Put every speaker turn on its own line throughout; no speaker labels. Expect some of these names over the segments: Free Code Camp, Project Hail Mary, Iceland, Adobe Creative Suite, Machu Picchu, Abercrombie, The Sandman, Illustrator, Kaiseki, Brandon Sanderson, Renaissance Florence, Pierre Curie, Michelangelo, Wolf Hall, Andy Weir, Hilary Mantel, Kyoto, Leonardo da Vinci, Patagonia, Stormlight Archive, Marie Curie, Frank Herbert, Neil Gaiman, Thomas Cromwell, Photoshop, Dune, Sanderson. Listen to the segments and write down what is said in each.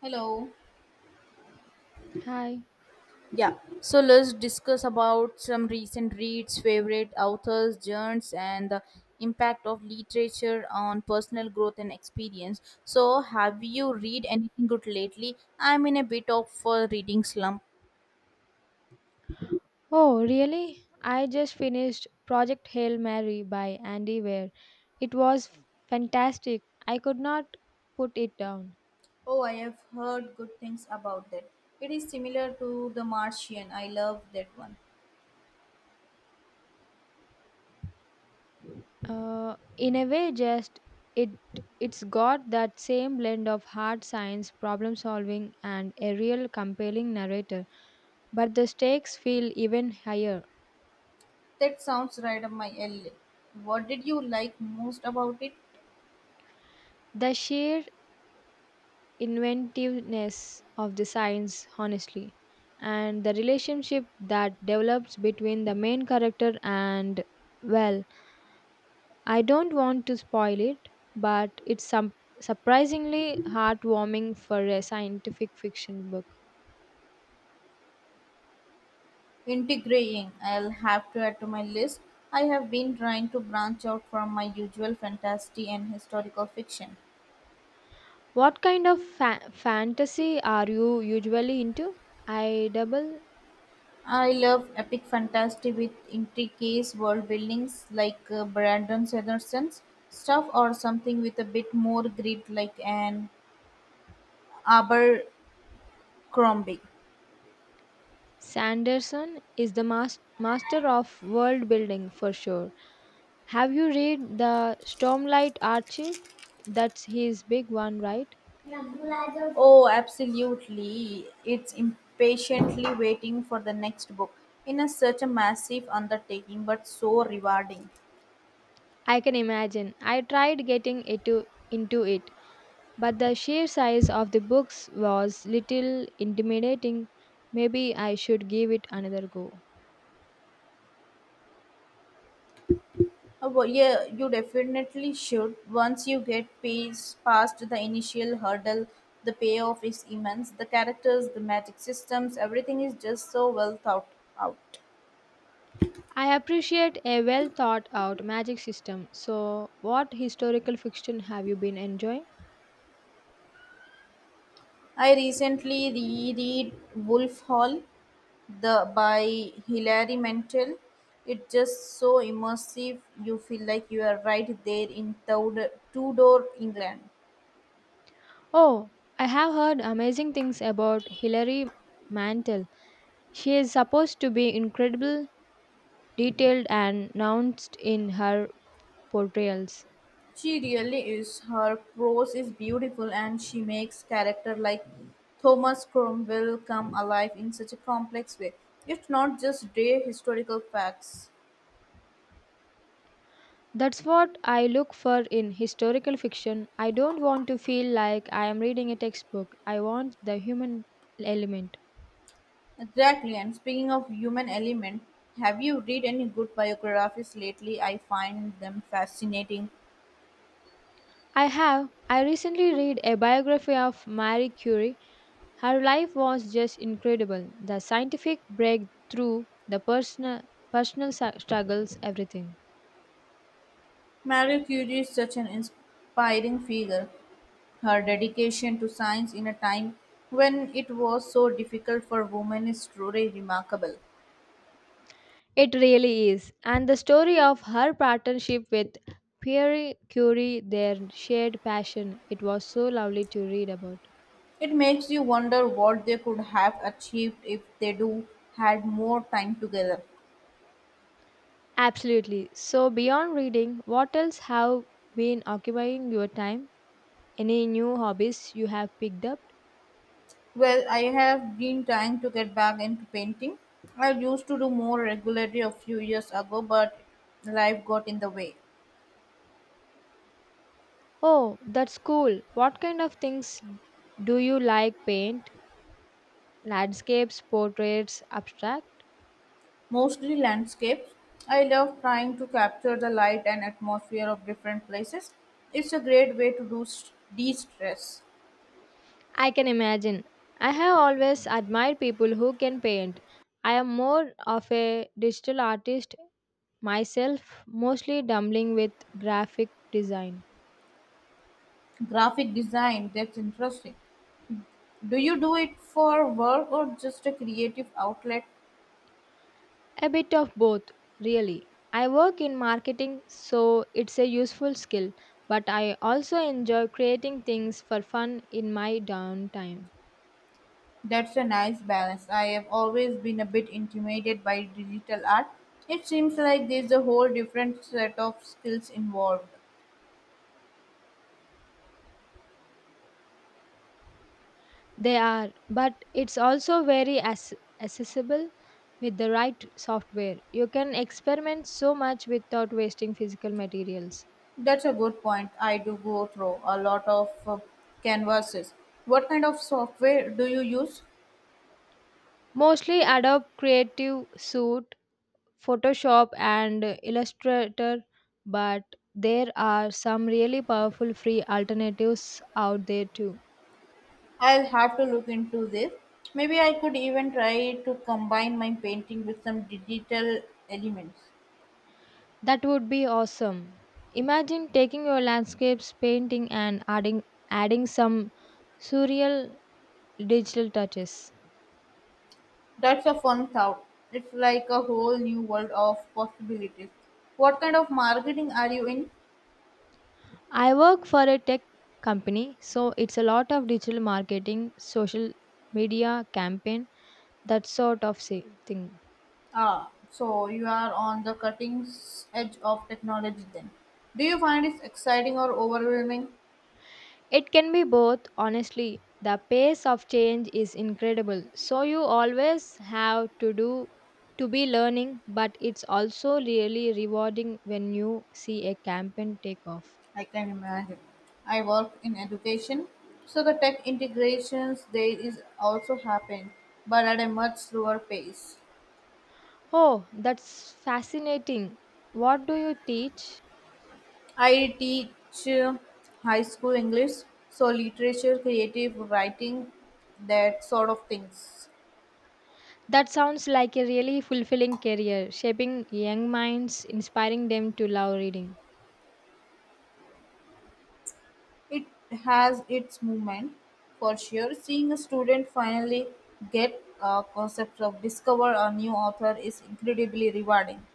Hello.
Hi.
Yeah. So let's discuss about some recent reads, favorite authors, genres, and the impact of literature on personal growth and experience. So have you read anything good lately? I'm in a bit of a reading slump.
Oh, really? I just finished Project Hail Mary by Andy Weir. It was fantastic. I could not put it down.
Oh, I have heard good things about that. It is similar to The Martian. I love that one.
In a way, just it it's got that same blend of hard science, problem solving, and a real compelling narrator. But the stakes feel even higher.
That sounds right up my alley. What did you like most about it?
The sheer inventiveness of the science, honestly, and the relationship that develops between the main character and, well, I don't want to spoil it, but it's some surprisingly heartwarming for a scientific fiction book.
Integrating, I'll have to add to my list. I have been trying to branch out from my usual fantasy and historical fiction.
What kind of fantasy are you usually into? I double
I love epic fantasy with intricate world buildings like Brandon Sanderson's stuff or something with a bit more grit like an Abercrombie.
Sanderson is the master of world building for sure. Have you read the Stormlight Archive? That's his big one, right?
Oh, absolutely. It's impatiently waiting for the next book. In a such a massive undertaking but so rewarding.
I can imagine. I tried getting into it, but the sheer size of the books was little intimidating. Maybe I should give it another go.
Yeah, you definitely should. Once you get past the initial hurdle, the payoff is immense. The characters, the magic systems, everything is just so well thought out.
I appreciate a well thought out magic system. So, what historical fiction have you been enjoying?
I recently reread Wolf Hall the by Hilary Mantel. It's just so immersive. You feel like you are right there in Tudor England.
Oh, I have heard amazing things about Hilary Mantel. She is supposed to be incredible. Detailed and nuanced in her portrayals.
She really is. Her prose is beautiful and she makes characters like Thomas Cromwell come alive in such a complex way. It's not just day historical facts.
That's what I look for in historical fiction. I don't want to feel like I am reading a textbook. I want the human element.
Exactly. And speaking of human element, have you read any good biographies lately? I find them fascinating.
I have. I recently read a biography of Marie Curie. Her life was just incredible. The scientific breakthrough, the personal struggles, everything.
Marie Curie is such an inspiring figure her dedication to science in a time when it was so difficult for women is truly remarkable.
It really is. And the story of her partnership with Pierre Curie, their shared passion, it was so lovely to read about.
It makes you wonder what they could have achieved if they do had more time together.
Absolutely. So, beyond reading, what else have been occupying your time? Any new hobbies you have picked up?
Well, I have been trying to get back into painting. I used to do more regularly a few years ago, but life got in the way.
Oh, that's cool. What kind of things do you like? Paint, landscapes, portraits, abstract?
Mostly landscapes. I love trying to capture the light and atmosphere of different places. It's a great way to de-stress.
I can imagine. I have always admired people who can paint. I am more of a digital artist myself, mostly dabbling with graphic design.
Graphic design, that's interesting. Do you do it for work or just a creative outlet?
A bit of both, really. I work in marketing, so it's a useful skill, but I also enjoy creating things for fun in my downtime.
That's a nice balance. I have always been a bit intimidated by digital art. It seems like there's a whole different set of skills involved.
They are, but it's also very accessible with the right software. You can experiment so much without wasting physical materials.
That's a good point. I do go through a lot of canvases. What kind of software do you use?
Mostly Adobe Creative Suite, Photoshop, and Illustrator, but there are some really powerful free alternatives out there too.
I'll have to look into this. Maybe I could even try to combine my painting with some digital elements.
That would be awesome. Imagine taking your landscapes, painting, and adding some surreal digital touches.
That's a fun thought. It's like a whole new world of possibilities. What kind of marketing are you in?
I work for a tech company, so it's a lot of digital marketing, social media campaign, that sort of thing.
Ah, so you are on the edge of technology then. Do you find it exciting or overwhelming?
It can be both, honestly. The pace of change is incredible. So you always have to do to be learning, but it's also really rewarding when you see a campaign take off.
I can imagine. I work in education, so the tech integrations there is also happening, but at a much slower pace.
Oh, that's fascinating. What do you teach?
I teach high school English, so literature, creative writing, that sort of things.
That sounds like a really fulfilling career, shaping young minds, inspiring them to love reading.
It has its moment, for sure. Seeing a student finally get a concept of discover a new author is incredibly rewarding.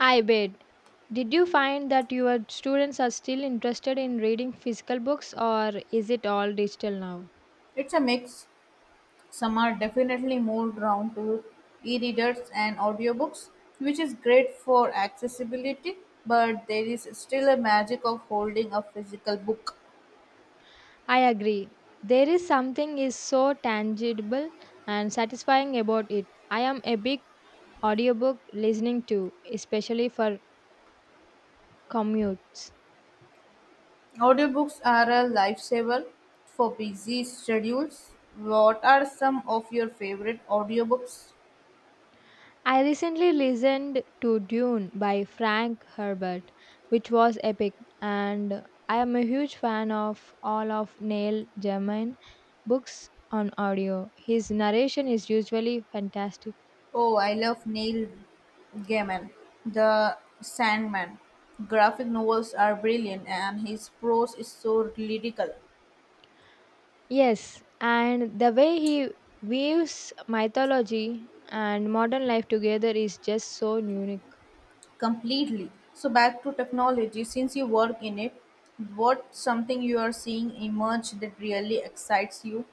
I bet. Did you find that your students are still interested in reading physical books or is it all digital now?
It's a mix. Some are definitely moved round to e-readers and audiobooks, which is great for accessibility, but there is still a magic of holding a physical book.
I agree. There is something is so tangible and satisfying about it. I am a big audiobook listening to, especially for commutes.
Audiobooks are a lifesaver for busy schedules. What are some of your favorite audiobooks?
I recently listened to Dune by Frank Herbert, which was epic, and I am a huge fan of all of Neil Gaiman books on audio. His narration is usually fantastic.
Oh, I love Neil Gaiman, The Sandman. Graphic novels are brilliant, and his prose is so lyrical.
Yes, and the way he weaves mythology and modern life together is just so unique.
Completely. So, back to technology. Since you work in it, what's something you are seeing emerge that really excites you?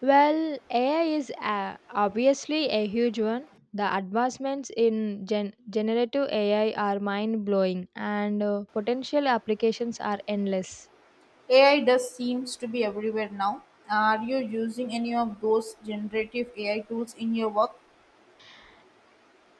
Well, AI is obviously a huge one. The advancements in generative AI are mind blowing, and potential applications are endless.
AI does seems to be everywhere now. Are you using any of those generative AI tools in your work?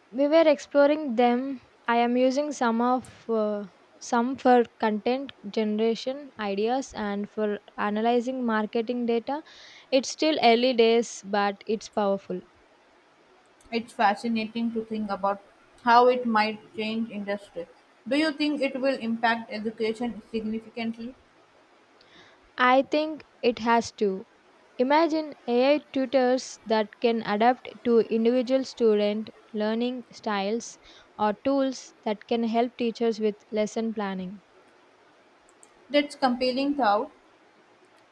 We were exploring them. I am using some of some for content generation ideas and for analyzing marketing data. It's still early days, but it's powerful.
It's fascinating to think about how it might change industry. Do you think it will impact education significantly?
I think it has to. Imagine AI tutors that can adapt to individual student learning styles or tools that can help teachers with lesson planning.
That's compelling thought,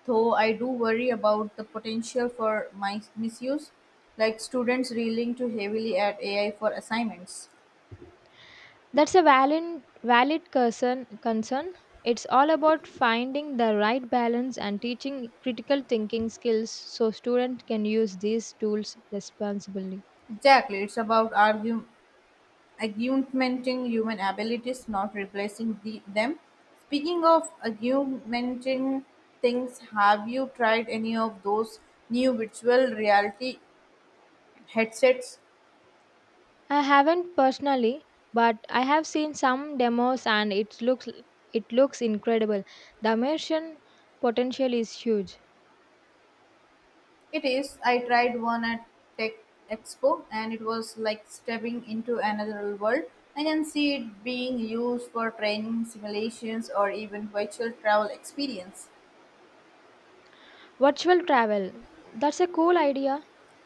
though I do worry about the potential for misuse, like students reeling too heavily at AI for assignments.
That's a valid concern. It's all about finding the right balance and teaching critical thinking skills so students can use these tools responsibly.
Exactly, it's about augmenting human abilities, not replacing them. Speaking of augmenting things, have you tried any of those new virtual reality headsets?
I haven't personally, but I have seen some demos and it looks incredible. The immersion potential is huge.
It is. I tried one at Tech Expo and it was like stepping into another world. I can see it being used for training, simulations, or even virtual travel experience.
Virtual travel. That's a cool idea.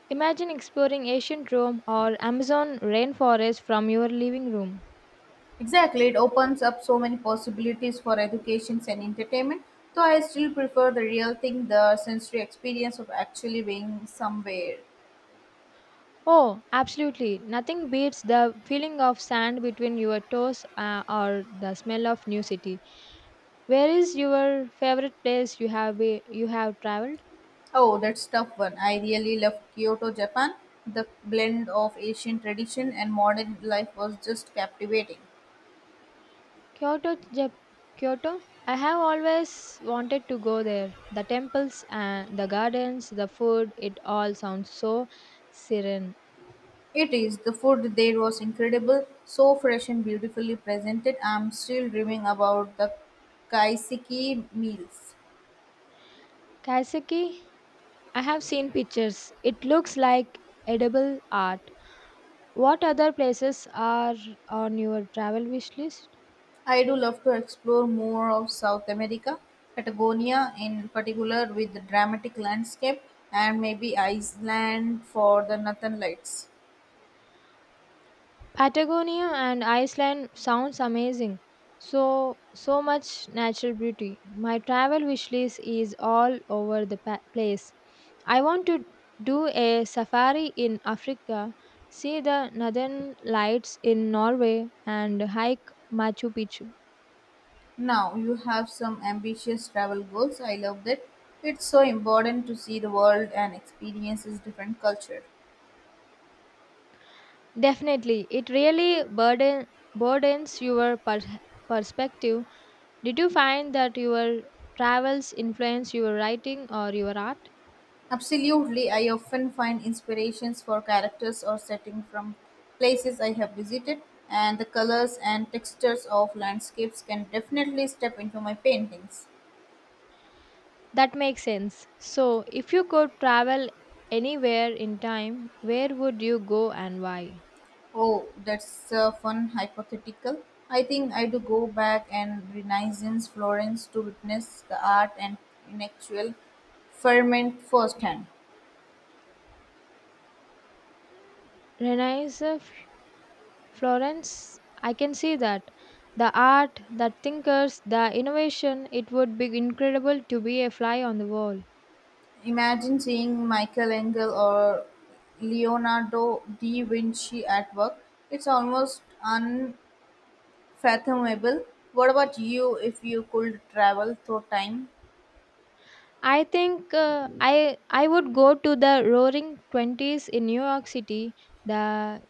Imagine exploring ancient Rome or Amazon rainforest from your living room.
Exactly, it opens up so many possibilities for educations and entertainment. Though I still prefer the real thing, the sensory experience of actually being somewhere.
Oh, absolutely. Nothing beats the feeling of sand between your toes or the smell of new city. Where is your favorite place you you have traveled?
Oh, that's tough one. I really love Kyoto, Japan. The blend of Asian tradition and modern life was just captivating.
Kyoto, Jap- Kyoto. I have always wanted to go there. The temples and the gardens, the food, it all sounds so serene.
It is. The food there was incredible, so fresh and beautifully presented. I'm still dreaming about the kaiseki meals.
Kaiseki. I have seen pictures. It looks like edible art. What other places are on your travel wish list?
I do love to explore more of South America, Patagonia in particular, with the dramatic landscape, and maybe Iceland for the northern lights.
Patagonia and Iceland sounds amazing. So so much natural beauty. My travel wish list is all over the place. I want to do a safari in Africa, see the northern lights in Norway and hike Machu Picchu.
Now, you have some ambitious travel goals. I love that. It's so important to see the world and experience its different culture.
Definitely, it really burdens your perspective. Did you find that your travels influence your writing or your art?
Absolutely, I often find inspirations for characters or setting from places I have visited, and the colors and textures of landscapes can definitely step into my paintings.
That makes sense. So, if you could travel anywhere in time, where would you go and why?
Oh, that's a fun hypothetical. I think I'd go back and Renaissance Florence to witness the art and intellectual ferment firsthand.
Renaissance Florence, I can see that. The art, the thinkers, the innovation, it would be incredible to be a fly on the wall.
Imagine seeing Michelangelo or Leonardo da Vinci at work. It's almost unfathomable. What about you if you could travel through time?
I think I would go to the Roaring Twenties in New York City, the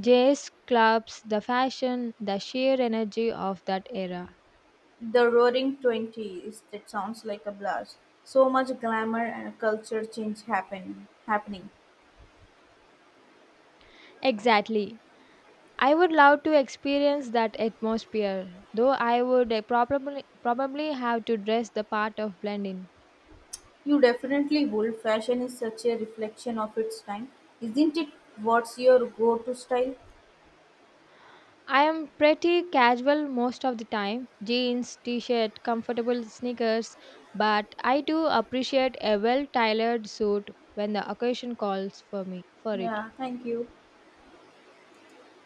jazz clubs, the fashion, the sheer energy of that era.
The Roaring Twenties. That sounds like a blast. So much glamour and culture change happening.
Exactly. I would love to experience that atmosphere, though I would probably have to dress the part of blend in.
You definitely would. Fashion is such a reflection of its time, isn't it? What's your go to style?
I am pretty casual most of the time jeans, t shirt, comfortable sneakers, but I do appreciate a well tailored suit when the occasion calls for me for it.
Yeah, thank you.